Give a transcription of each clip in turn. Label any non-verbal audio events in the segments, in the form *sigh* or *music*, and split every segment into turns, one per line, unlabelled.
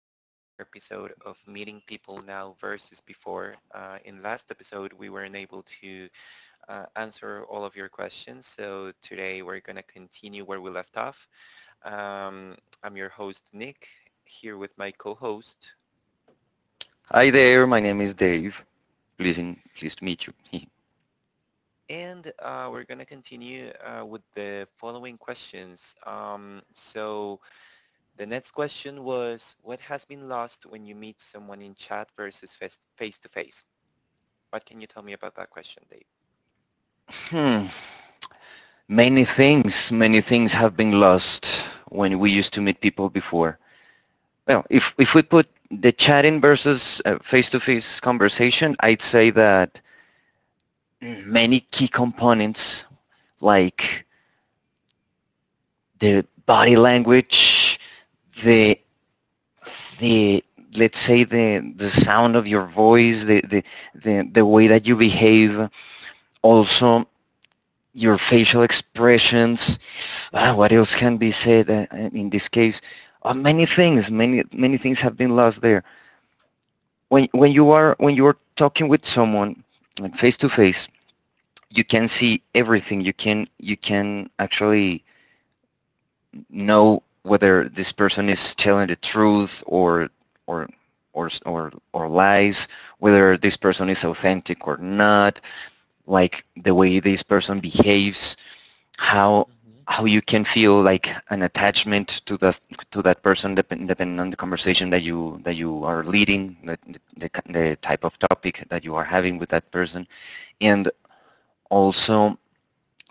back to another episode of Meeting People Now versus Before. In last episode we weren't able to answer all of your questions, so today we're going to continue where we left off. Um, I'm your host Nick here with my co-host,
Hi there, my name is Dave. Pleased, pleased to meet you.
and we're going to continue with the following questions. So the next question was, what has been lost when you meet someone in chat versus face-to-face? What can you tell me about that question, Dave?
*laughs* hmm. Many things have been lost when we used to meet people before. Well, if we put the chatting versus face-to-face conversation, I'd say that many key components like the body language,
Mm-hmm.
the, the let's say the sound of your voice, the way that you behave, also your facial expressions. Ah, what else can be said in this case? Many things, many things have been lost there. When you are talking with someone like face to face, you can see everything. You can actually know whether this person is telling the truth or or or lies, whether this person is authentic or not, like the way this person behaves how
Mm-hmm.
how you can feel like an attachment to that person depending on the conversation that you are leading the type of topic that you are having with that person and also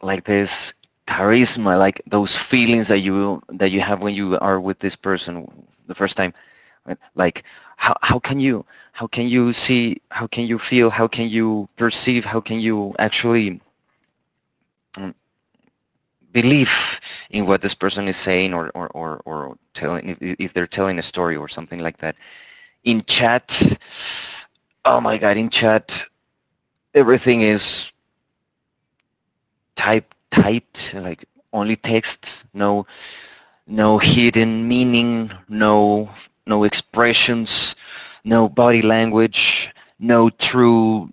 like this charisma, like those feelings that you have when you are with this person the first time, right? Like how can you, how can you see, how can you feel, how can you perceive, how can you actually um, belief in what this person is saying or telling, if they're telling a story or something like that. In chat, oh my god, in chat, everything is like only texts, no hidden meaning, no expressions, no body language, no true,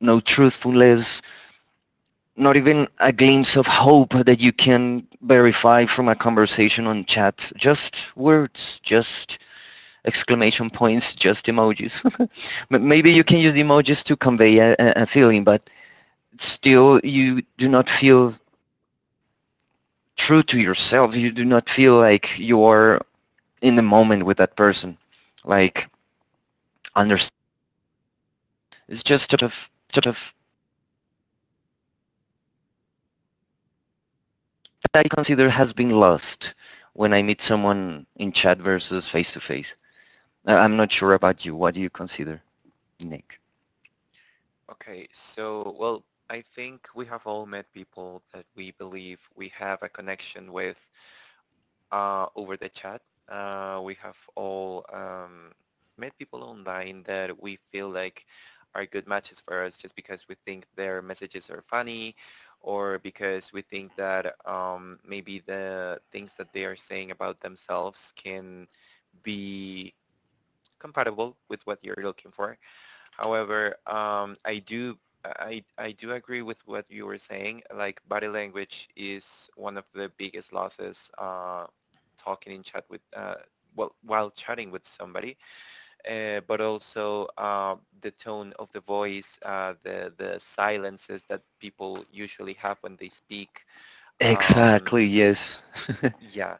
no truthfulness, not even a glimpse of hope that you can verify from a conversation on chat. Just words, just exclamation points, just emojis. *laughs* Maybe you can use emojis to convey a feeling, but still you do not feel true to yourself. You do not feel like you are in the moment with that person. Like, understand. It's just sort of, that I consider has been lost when I meet someone in chat versus face-to-face. I'm not sure about you. What do you consider, Nick?
Okay, so, well, I think we have all met people that we believe we have a connection with over the chat. We have all met people online that we feel like are good matches for us, just because we think their messages are funny, or because we think that maybe the things that they are saying about themselves can be compatible with what you're looking for. However, I do agree with what you were saying. Like, body language is one of the biggest losses. Talking in chat with well, while chatting with somebody, but also the tone of the voice, the silences that people usually have when they speak. Um,
Exactly, yes.
yeah,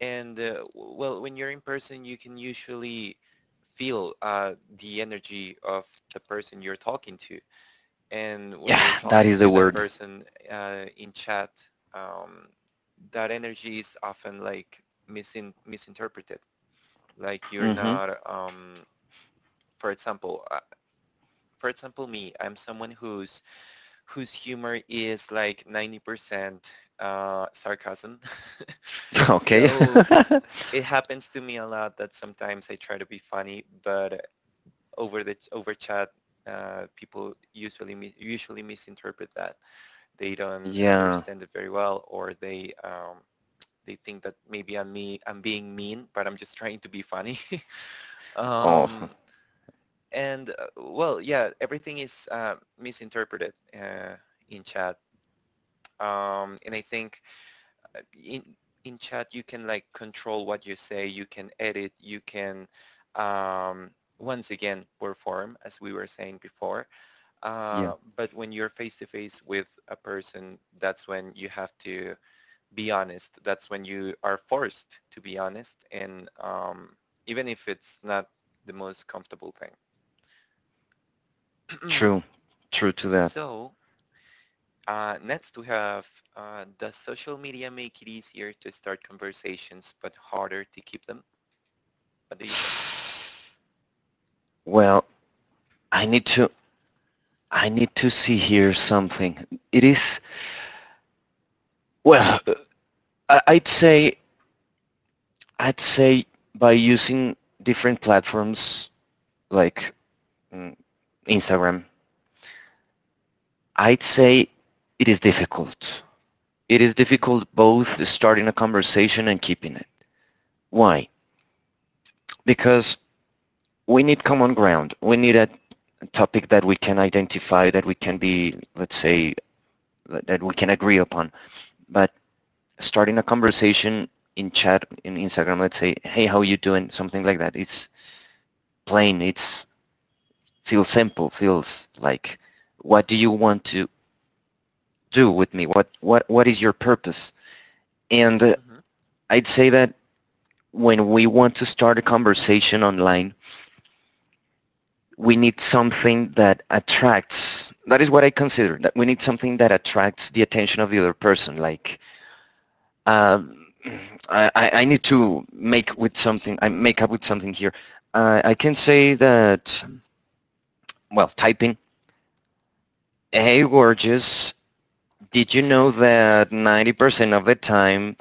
and well, when you're in person, you can usually feel the energy of the person you're talking to, and when
Yeah,
you're
that
talking
is the
to that
word.
person in chat, um, that energy is often like misinterpreted. Like, you're
Mm-hmm.
not, for example, uh, for example, me. I'm someone whose humor is like 90% sarcasm. *laughs*
Okay.
So it happens to me a lot that sometimes I try to be funny, but over chat, people usually misinterpret that. They
*laughs*
don't
yeah.
understand it very well, or they think that maybe I'm being mean, but I'm just trying to be funny. *laughs*
Oh,
um, and well, yeah, everything is misinterpreted in chat, and I think uh, in in chat you can like control what you say, you can edit, you can um, once again perform, as we were saying before.
yeah.
But when you're face to face with a person, that's when you have to be honest. That's when you are forced to be honest, and even if it's not the most comfortable thing.
True. True
*clears throat*
to that.
So next we have, does social media make it easier to start conversations but harder to keep them? What do you think?
Well, I need to... I need to see here something. It is... Well, I- would say... I'd say by using different platforms like mm, Instagram, I'd say it is difficult. It is
Mm-hmm.
difficult both starting a conversation and keeping it. Why? Because we need common ground. We need a topic that we can identify, that we can be, let's say, that we can agree upon. But starting a conversation in chat, in Instagram, let's say, hey, how you doing? Something like that. It's plain. It's feels simple. Feels like, what do you want to do with me? What is your purpose? And I'd say that when we want to start a conversation online, we need something that attracts, that is what I consider, that we need something that attracts the attention of the other person, like uh, I make up with something here. I can say that, well, typing, hey gorgeous, did you know that 90% of the time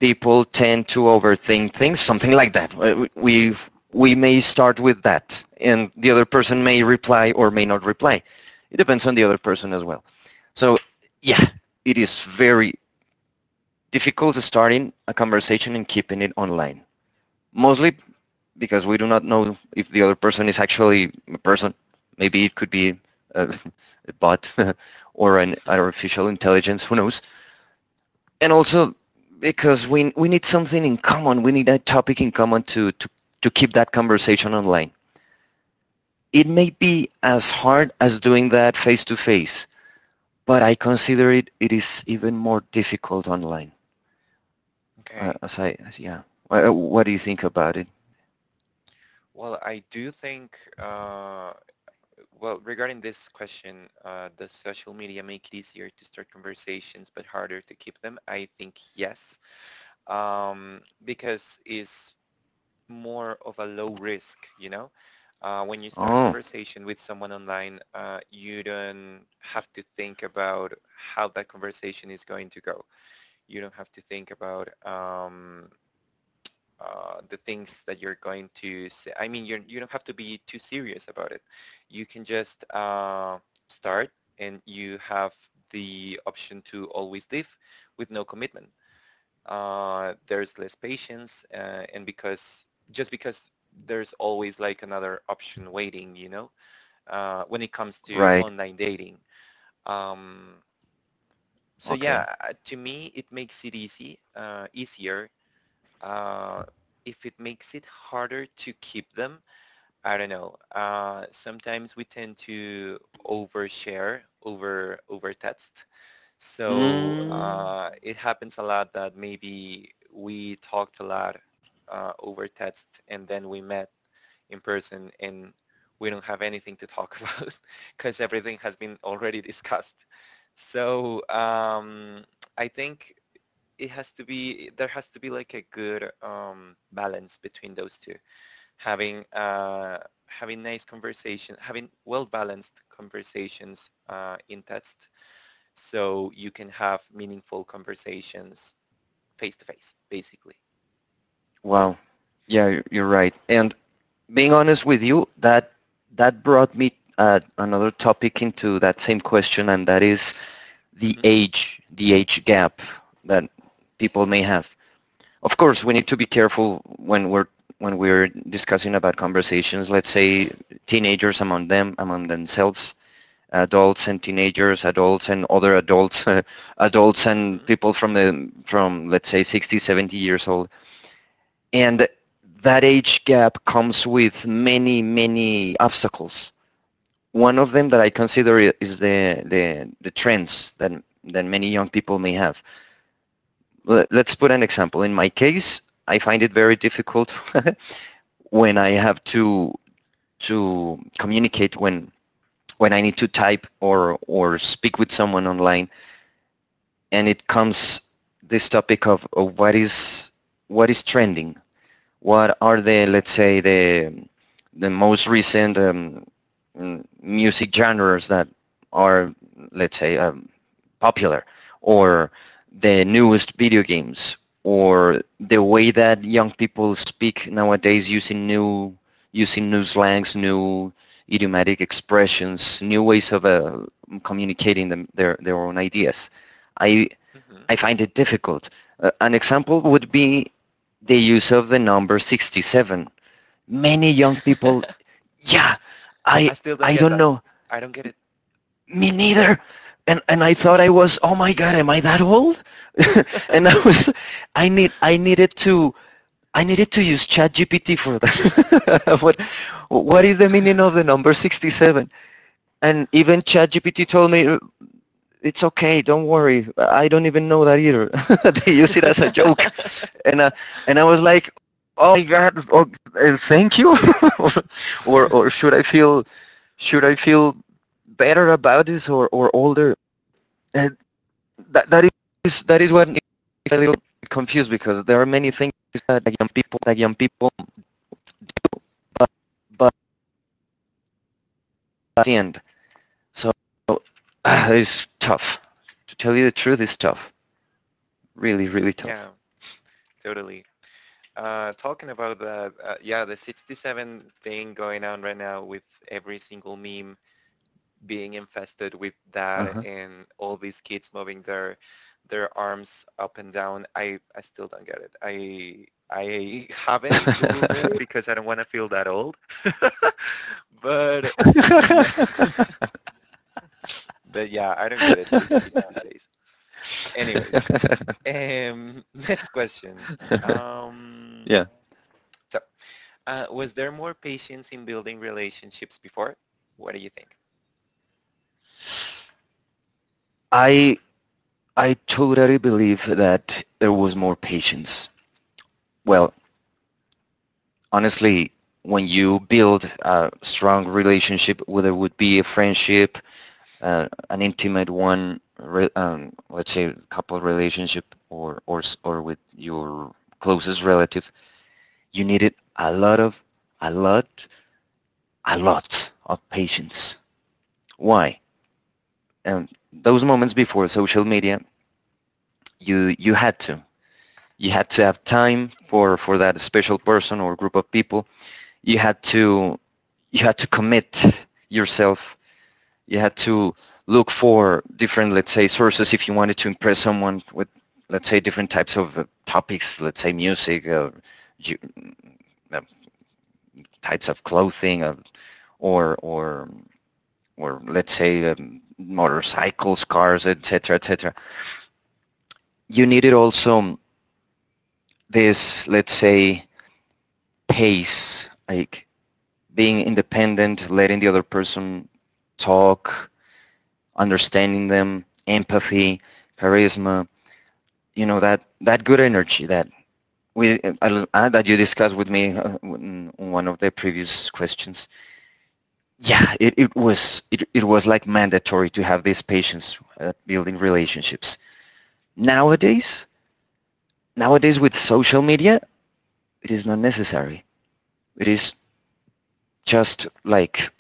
people tend to overthink things, something like that. We may start with that, and the other person may reply or may not reply. It depends on the other person as well. So yeah, it is very difficult starting a conversation and keeping it online, mostly because we do not know if the other person is actually a person. Maybe it could be a, a bot *laughs* or an
Mm-hmm.
artificial intelligence. Who knows? And also because we need something in common. We need a topic in common to to keep that conversation online. It may be as hard as doing that face to face, but I consider it is even more difficult online.
*laughs* Okay.
Yeah, what do you think about it?
Well, I do think, well, regarding this question, does social media make it easier to start conversations but harder to keep them? I think yes. Because it's more of a low risk, you know? When you start a
Oh,
conversation with someone online, you don't have to think about how that conversation is going to go. You don't have to think about the things that you're going to say. I mean, you're, you don't have to be too serious about it. You can just start, and you have the option to always leave with no commitment. There's less patience, and because just because there's always like another option waiting, when it comes to
right,
online dating. um, yeah,
okay.
to me it makes it easy easier. uh, if it makes it harder to keep them, I don't know. Sometimes we tend to overshare over text, so
Mm.
it happens a lot that maybe we talked a lot over text, and then we met in person and we don't have anything to talk about because *laughs* everything has been already discussed. So I think it has to be there has to be like a good balance between those two, having uh, having nice conversation, having well balanced conversations in text, so you can have meaningful conversations face to face, basically.
Wow. Yeah, you are right. And being honest with you, that that brought me another topic into that same question, and that is
Hmm.
the age gap that people may have. Of course, we need to be careful when we're discussing about conversations. Let's say teenagers among them, among themselves, adults and teenagers, adults and other adults, *laughs* adults and
Hmm.
people from the from, let's say, 60, 70 years old, and that age gap comes with many, many obstacles. One of them that I consider is the trends that many young people may have. Let's put an example. In my case, I find it very difficult *laughs* when I have to communicate when I need to type or speak with someone online. And it comes this topic of what is trending, what are the, let's say, the most recent music genres that are, let's say, popular, or the newest video games, or the way that young people speak nowadays using new slangs, new idiomatic expressions, new ways of communicating them, their own ideas. I,
Hmm.
I find it difficult. An example would be the use of the number 67. Many young people, yeah,
*laughs*
I,
I still don't
I
get
don't
that.
know,
I don't get it.
me neither. And I thought I was, oh my God, am I that old? *laughs* And I needed I needed to use ChatGPT for that. *laughs* What is the meaning of the number 67? And even ChatGPT told me, it's okay, don't worry. I don't even know that either. *laughs* They use it as a joke.
*laughs*
And, uh, and I was like, oh my God, oh, thank you? *laughs* or, or should I feel better about this, or older? And that, that that is what is a little confused, because there are many things that young people, but at the end. So *sighs* uh, it's tough. To tell you the truth, it's tough. Really, really
Yeah,
tough.
totally. Talking about the yeah, the 67 thing going on right now, with every single meme being infested with that and all these kids moving their arms up and down, I still don't get it. I haven't googled it
Uh-huh.
because I don't want to feel that old. *laughs* But yeah.
*laughs* *laughs*
*laughs* But yeah, I don't get it. These kids these days. Anyways,
*laughs*
*laughs* next question. um
yeah.
so was there more patience in building relationships before? What do you think?
I I totally believe that there was more patience. Well, honestly, when you build a strong relationship, whether it would be a friendship, an intimate one, let's say couple relationship, or or with your closest relative, you needed a lot of, a lot, a lot of patience. Why? And those moments before social media, you had to, you had to have time for that special person or group of people. You had to, you had to commit yourself. You had to look for different, let's say, sources if you wanted to impress someone with, let's say, different types of topics, let's say music, ju- uh, types of clothing, uh, or or or let's say motorcycles, cars, etc, etc. You needed also this, let's say, pace, like being independent, letting the other person talk, understanding them, empathy, charisma, you know, that good energy that that you discussed with me in one of the previous questions. Yeah, it was, it was like mandatory to have these patience at building relationships.
Mm-hmm.
Nowadays, nowadays with social media, it is not necessary. It is just like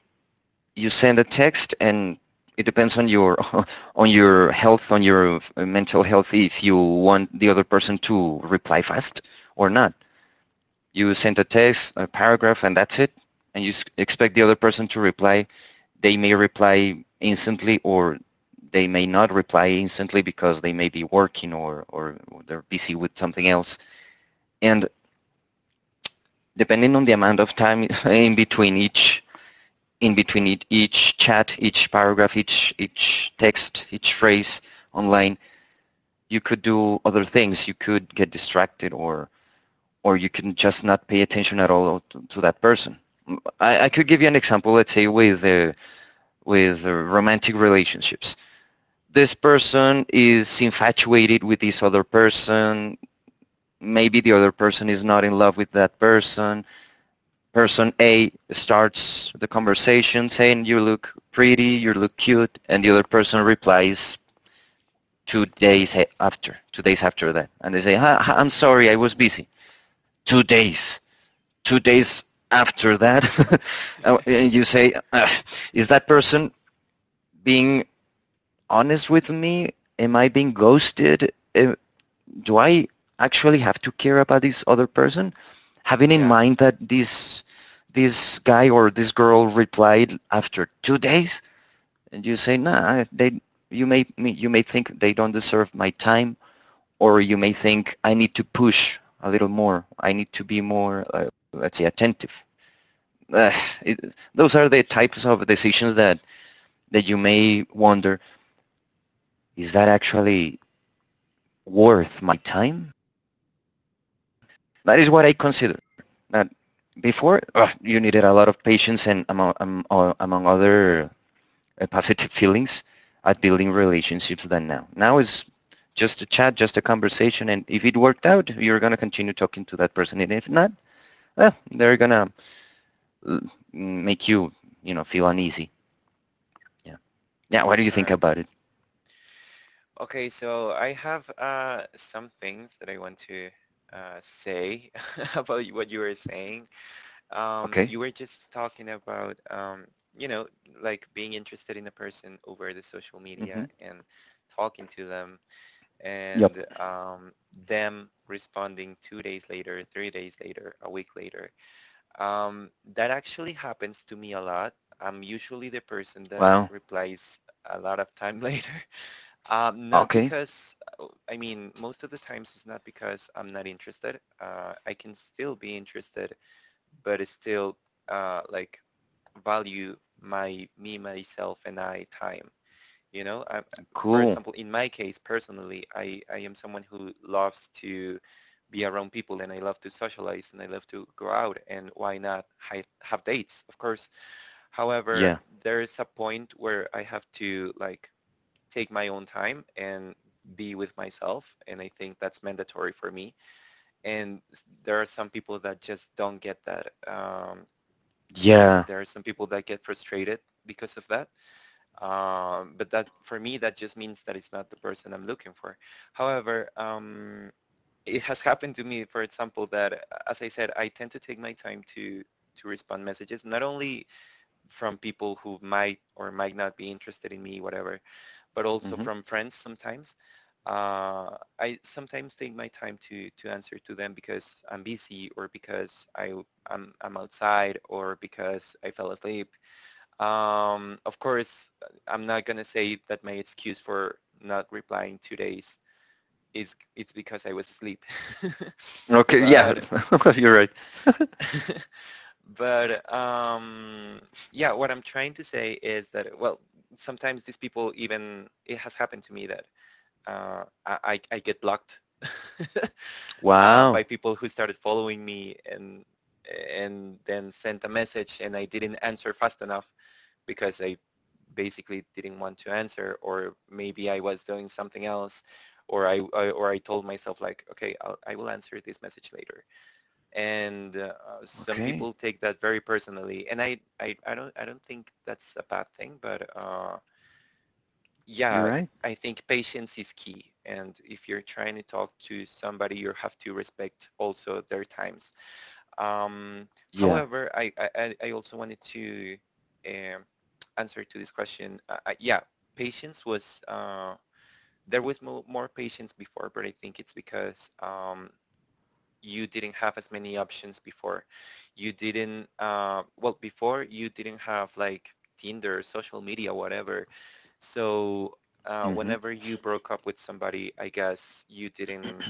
you send a text, and it depends on your *laughs* on your health, on your mental health, if you want the other person to reply fast or not. You send a text, a paragraph, and that's it, and you expect the other person to reply. They may reply instantly, or they may not reply instantly because they may be working, or they're busy with something else. And depending on the amount of time *laughs* in between each, each chat, each paragraph, each text, each phrase online, you could do other things. You could get distracted, or you can just not pay attention at all to that person. Mm, I could
Mm-hmm.
give you an example. Let's say with
Yeah.
romantic relationships, this person is infatuated with this other person. Maybe the other person is not in love with that person. Person A starts the conversation saying you look pretty, you look cute, and the other person replies 2 days after, 2 days after that. And they say, "Huh, huh, I'm
Mm-hmm.
sorry, I was busy. 2 days, 2 days after that." *laughs* And you say, "Ugh, is that person being honest with me? Am I being ghosted? Am, do I actually have to care about this other person?" Having in
Yeah.
mind that this guy or this girl replied after 2 days, and you say, nah, you may, you may think they don't deserve my time, or you may think I need to push a little more. I need to be more, let's say, attentive. Uh, those are the types of decisions that you may wonder, is that actually worth my time? That is what I consider. That before ugh, you needed a lot of patience and among other positive feelings at building relationships than now. Now is just a chat, just a conversation, and if it worked out, you're gonna continue talking to that person, and if not, well, they're gonna uh, make you feel uneasy. Yeah. Yeah. What do you think
Sure.
about it?
Okay, so I have some things that I want to say *laughs* about what you were saying.
Okay.
You were just talking about, you know, like being interested in a person over the social
Mm-hmm.
media and talking to them,
Yep.
and them responding 2 days later, 3 days later, a week later. That actually happens to me a lot. I'm usually the person that
Wow.
replies a lot of time *laughs* later. Not
Okay.
because, I mean, most of the times it's not because I'm not interested. I can still be interested, but it's still like, value my me, myself, and I time. You know, for
Cool.
example, in my case personally, I am someone who loves to be around people, and I love to socialize, and I love to go out, and why not have dates, of course. However,
Yeah.
there is a point where I have to like take my own time and be with myself, and I think that's mandatory for me. And there are some people that just don't get that, and
Yeah.
there are some people that get frustrated because of that, but that for me, that just means that it's not the person I'm looking for. However, it has happened to me, for example, that as I said, I tend to take my time to respond messages, not only from people who might or might not be interested in me, whatever, but also
Mm-hmm.
from friends sometimes. I sometimes take my time to answer to them because I'm busy, or because I'm outside, or because I fell asleep. Of course, I'm not going to say that my excuse for not replying 2 days is it's because I was asleep. *laughs*
Okay. Yeah.
but
*laughs* You're right.
but yeah, what I'm trying to say is that, well, sometimes these people, even, it has happened to me that I get blocked *laughs*
Wow.
by people who started following me, and then sent a message and I didn't answer fast enough because I basically didn't want to answer, or maybe I was doing something else, or I told myself like, okay, I will answer this message later. And some
Okay.
people take that very personally, and I don't think that's a bad thing, but
You're
yeah,
right.
I think patience is key. And if you're trying to talk to somebody, you have to respect also their times.
Yeah.
However, I also wanted to um answer to this question. Yeah, patience was, there was more patience before, but I think it's because you didn't have as many options before. You didn't, well, before you didn't have like Tinder, social media, whatever. So
Mm-hmm.
whenever you broke up with somebody, I guess you didn't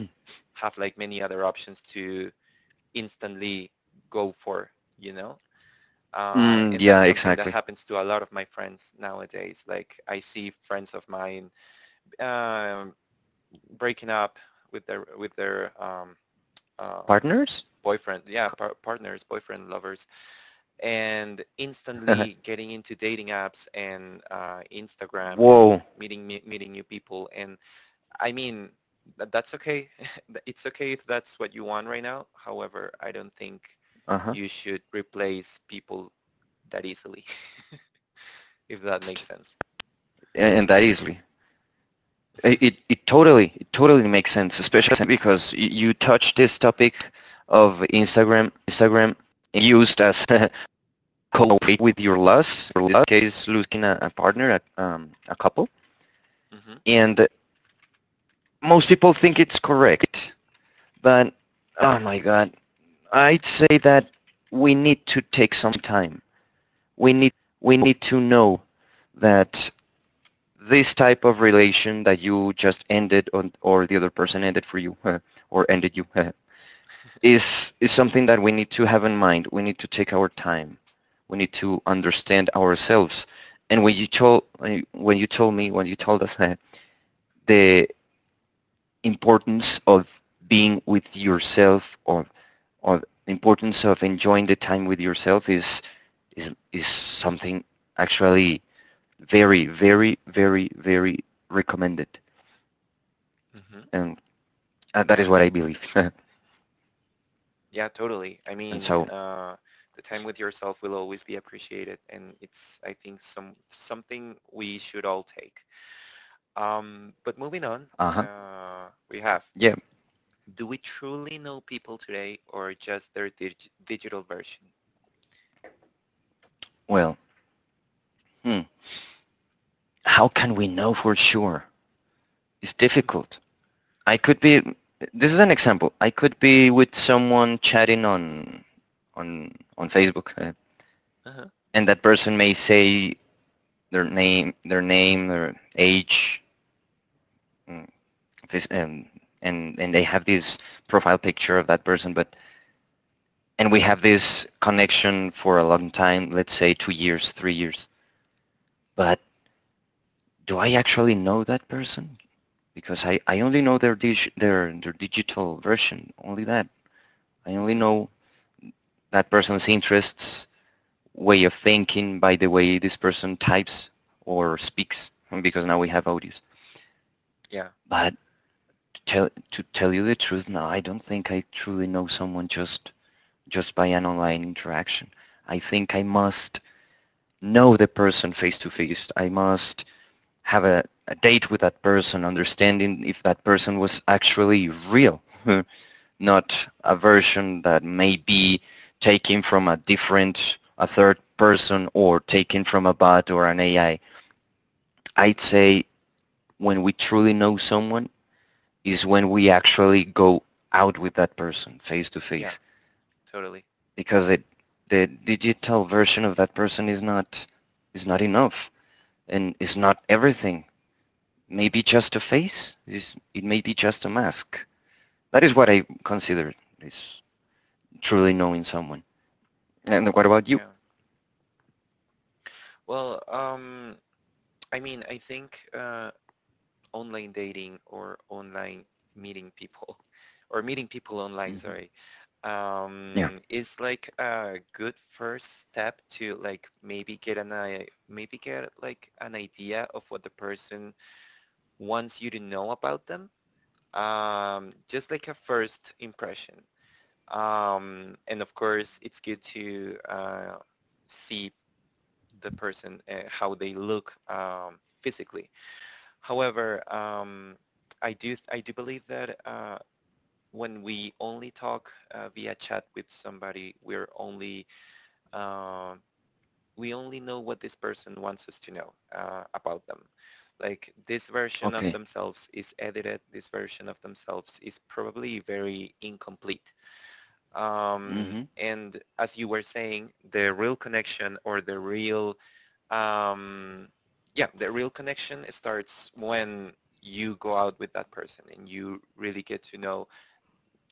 have like many other options to instantly go for, you know?
Mm,
And
yeah,
that's something that
exactly.
happens to a lot of my friends nowadays. Like, I see friends of mine um, breaking up with their uh,
Partners?
partners, boyfriend, lovers, and instantly getting into dating apps and
*laughs*
Instagram and
Whoa.
meeting new people. And I mean, that's okay. *laughs* It's okay if that's what you want right now. However, I don't think
Uh-huh.
you should replace people that easily, *laughs* if that makes sense.
And that easily. I-
*laughs*
It, it totally, it totally, makes sense, especially because you touched this topic of Instagram used as *laughs* co with your loss, or In loss case, losing a partner, a couple.
Mhm,
And most people think it's correct, but oh my God, I'd say that we need to take some time we need we need to know that this type of relation that you just ended on, or the other person ended for you *laughs* or ended you *laughs* is something that we need to have in mind. We need to take our time. We need to understand ourselves. And when you told me when you told us *laughs* the importance of being with yourself or the importance of enjoying the time with yourself is something actually very, very, very, very recommended.
mhm.
And that
Yeah.
is what I believe. *laughs* and
Yeah, totally. I mean,
so,
the time with yourself will always be appreciated, and it's, I think, something we should all take. But moving on,
uh-huh.
we have,
Yeah,
do we truly know people today, or just their digital version?
well, hmm. How can we know for sure? It's
*laughs*
difficult. I could be, this is an example. I could be with someone chatting on, on Facebook,
Uh-huh.
and that person may say their name, their age, mm, um, and they have this profile picture of that person, but and we have this connection for a long time, let's say 2 years, 3 years. But do I actually know that person? Because I only know their digital version, only that. I only
Mhm.
know that person's interests, way of thinking by the way this person types or speaks, because now we have audios.
Yeah.
But to tell you the truth, no, I don't think I truly know someone just by an online interaction. I think I must know the person face to face. I must have a date with that person, understanding if that person was actually real, *laughs* not a version that may be taken from a different, a third person or taken from a bot or an AI. I'd say when we truly know someone is when we actually go out with that person face to
Yeah.
face
Totally.
because the digital version of that person is not enough and is not everything maybe just a face. It may be just a mask. That is what I consider is truly knowing someone. And what about you?
Yeah. Well, I mean, I think online dating, or online meeting people *laughs* or meeting people online,
Hmm.
sorry,
Yeah.
is like a good first step to like maybe get an I maybe get like an idea of what the person, once you know about them, just like a first impression. And of course, it's good to see the person, how they look physically. However, I do believe that when we only talk via chat with somebody, we're only uh, we only know what this person wants us to know about them. Like this version of
Okay.
themselves is edited, this version of themselves is probably very incomplete.
Hmm.
And as you were saying, the real connection or the real, um, yeah, the real connection starts when you go out with that person and you really get to know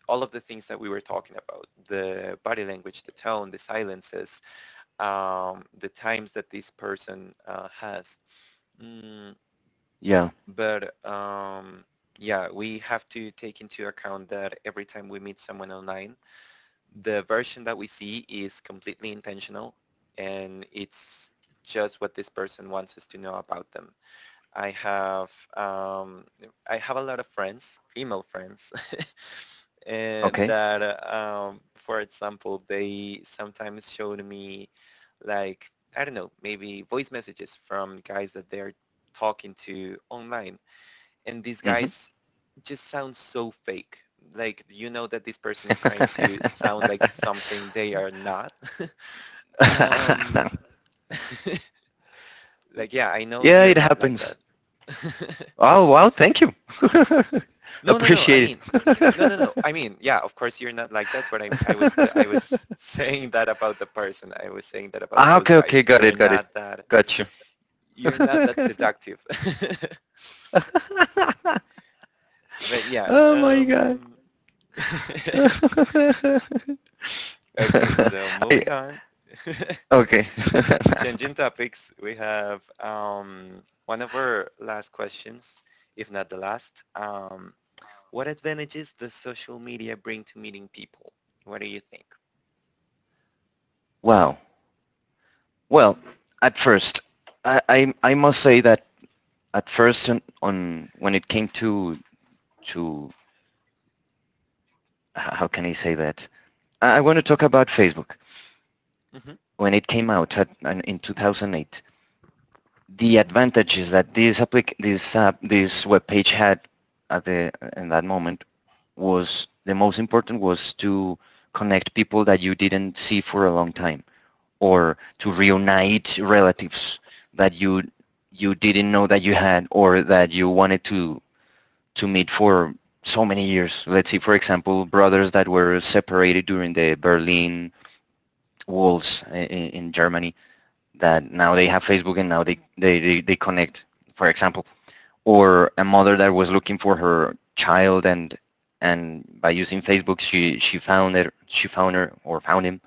all of the things that we were talking about: the body language, the tone, the silences, the times that this person has. Mm,
Yeah.
but um, yeah, we have to take into account that every time we meet someone online, the version that we see is completely intentional, and it's just what this person wants us to know about them. I have um, I have a lot of friends, female friends,
Okay.
that for example, they sometimes showed me, like, I don't know, maybe voice messages from guys that they're talking to online, and these
Hmm.
guys just sound so fake. Like, you know that this person is trying to sound like something they are not. *laughs* um
*laughs*
like, yeah, I know
Yeah,
you're
it
not like that.
happens.
*laughs*
Oh, wow. Thank you. *laughs*
No, no, no. I
Appreciate
mean, no, no, no. I mean, yeah, of course you're not like that, but I'm, I was, I was *laughs*
it.
saying that about the person. I was saying that
*laughs*
about
Ah,
those
okay. Okay.
guys.
Got it. Got it. Got you.
You're not that seductive. *laughs*
*laughs*
But
Oh my God.
*laughs* okay,
*laughs*
so
*laughs* I,
moving on.
okay.
*laughs*
*laughs*
Changing topics, we have, one of our last questions, if not the last. What advantages does social media bring to meeting people? What do you think?
Wow. Well, at first, I must say that at first on when it came to how can I say that I want to talk about Facebook
Mm-hmm.
when it came out in 2008. The advantages that this applic- this this web page had at the in that moment was the most important was to connect people that you didn't see for a long time or to reunite relatives that you didn't know that you had or that you wanted to meet for so many years. Let's see, for example, brothers that were separated during the Berlin walls in Germany that now they have Facebook and now they connect, for example. Or a mother that was looking for her child and by using Facebook she found it she found her or found him.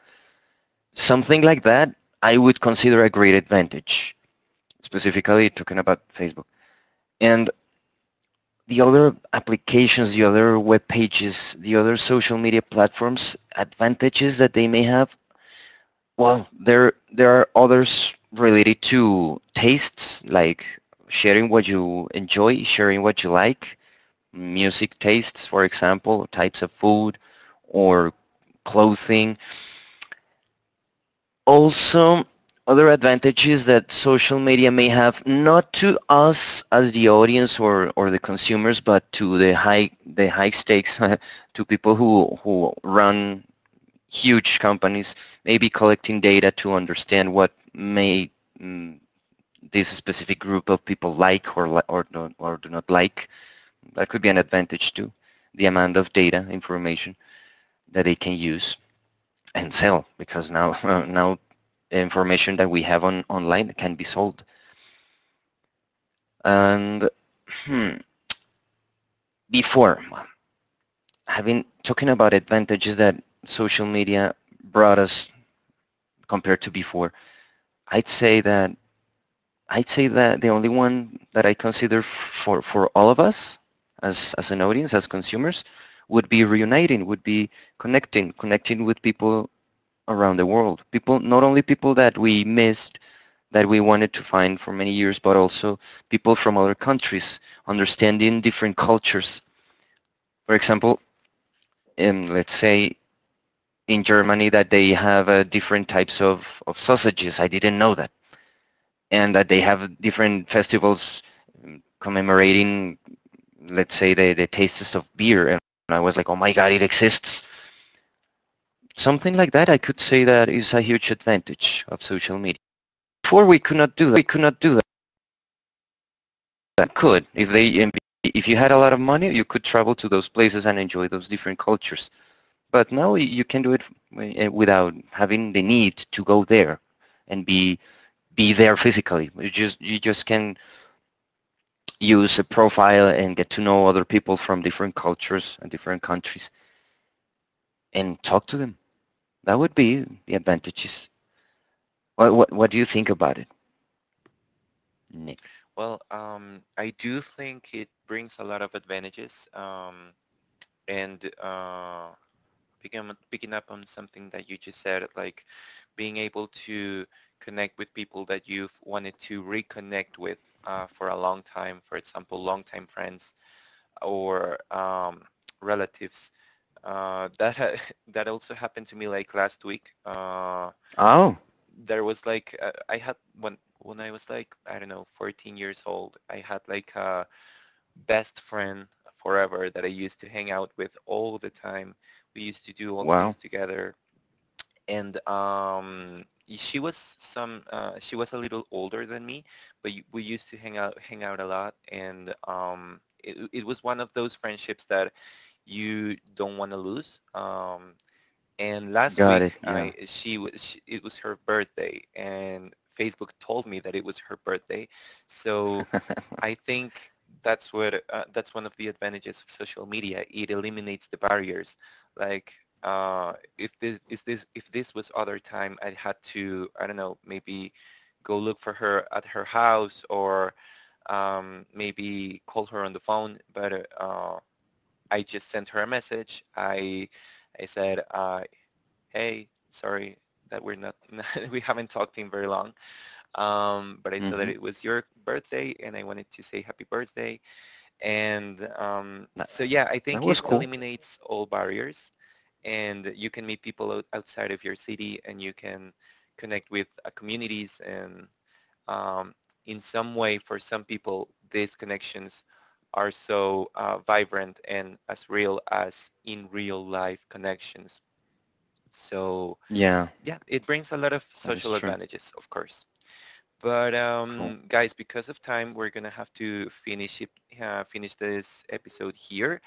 Something like that I would consider a great advantage specifically talking about Facebook. And the other applications, the other web pages, the other social media platforms, advantages that they may have, well, there are others related to tastes, like sharing what you enjoy, sharing what you like, music tastes, for example, types of food, or clothing, also other advantages that social media may have not to us as the audience or the consumers but to the high stakes *laughs* to people who run huge companies maybe collecting data to understand what may mm, this specific group of people like or do or do not like that could be an advantage too the amount of data information that they can use and sell because now *laughs* now information that we have on online can be sold. And hmm, before well, having talking about advantages that social media brought us compared to before, I'd say that I'd say that the only one that I consider for all of us as an audience as consumers would be reuniting, would be connecting with people around the world. People, not only people that we miss that we wanted to find for many years, but also people from other countries, understanding different cultures. For example, let's say in Germany that they have different types of sausages. I didn't know that. And that they have different festivals commemorating, let's say, the tastes of beer. And I was like, oh my God, it exists. Something like that, I could say that is a huge advantage of social media. Before we could not do that. We could not do that. That could. If you had a lot of money, you could travel to those places and enjoy those different cultures. But now you can do it without having the need to go there and be there physically. You just can use a profile and get to know other people from different cultures and different countries and talk to them. That would be the advantages. What do you think about it, Nick?
Well, I do think it brings a lot of advantages. And picking up on something that you just said, like being able to connect with people that you've wanted to reconnect with for a long time, for example, longtime friends or relatives. *laughs* That also happened to me, like, last week.
Oh,
There was like I had, when I was like, I don't know, 14 years old, I had like a best friend forever that I used to hang out with all the time. We used to do all things
wow,
together, and she was some. She was a little older than me, but we used to hang out a lot, and it was one of those friendships that you don't want to lose. And last
got it.
week,
Yeah.
I she was she, it was her birthday, and Facebook told me that it was her birthday, so I think that's where that's one of the advantages of social media. It eliminates the barriers. Like, if this is this, if this was other time, I'd had to, I don't know, maybe go look for her at her house, or maybe call her on the phone. But uh, uh, I just sent her a message. I said, hey, sorry that we're not *laughs* we haven't talked in very long. But I saw that
Mhm.
it was your birthday, and I wanted to say happy birthday. And
That
so yeah, I
that
think
was
it
cool.
eliminates all barriers, and you can meet people outside of your city, and you can connect with communities, and um, in some way, for some people, these connections are so vibrant and as real as in real life connections. So
Yeah,
yeah, it brings a lot of
that is
social
true.
advantages, of course. But
Cool.
guys, because of time, we're gonna have to finish it, finish this episode here.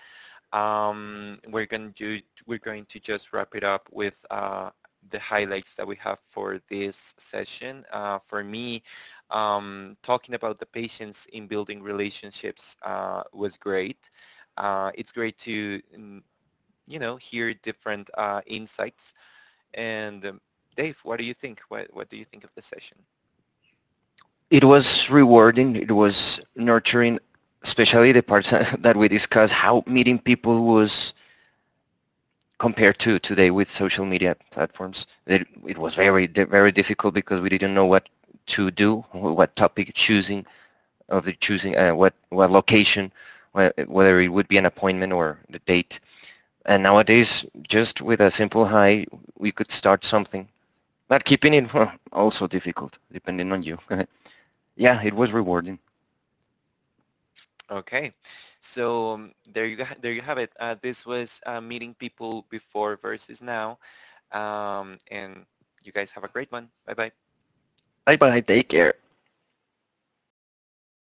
Um, we're going to we're going to just wrap it up with the highlights that we have for this session. For me, talking about the patients in building relationships was great. It's great to, mm, you know, hear different insights. And Dave, what do you think? What do you think of the session?
It was rewarding. It was nurturing, especially the parts *laughs* that we discussed, how meeting people was compared to today with social media platforms. It was very, very difficult because we didn't know what to do, what topic choosing, of the choosing, what location, whether it would be an appointment or the date. And nowadays, just with a simple hi, we could start something. But keeping it, *laughs* well, also difficult, depending on you. *laughs* Yeah, it was
*laughs*
rewarding.
Okay, so there you have it. This was, meeting people before versus now. And you guys have a great one. Bye bye.
Bye bye, take care.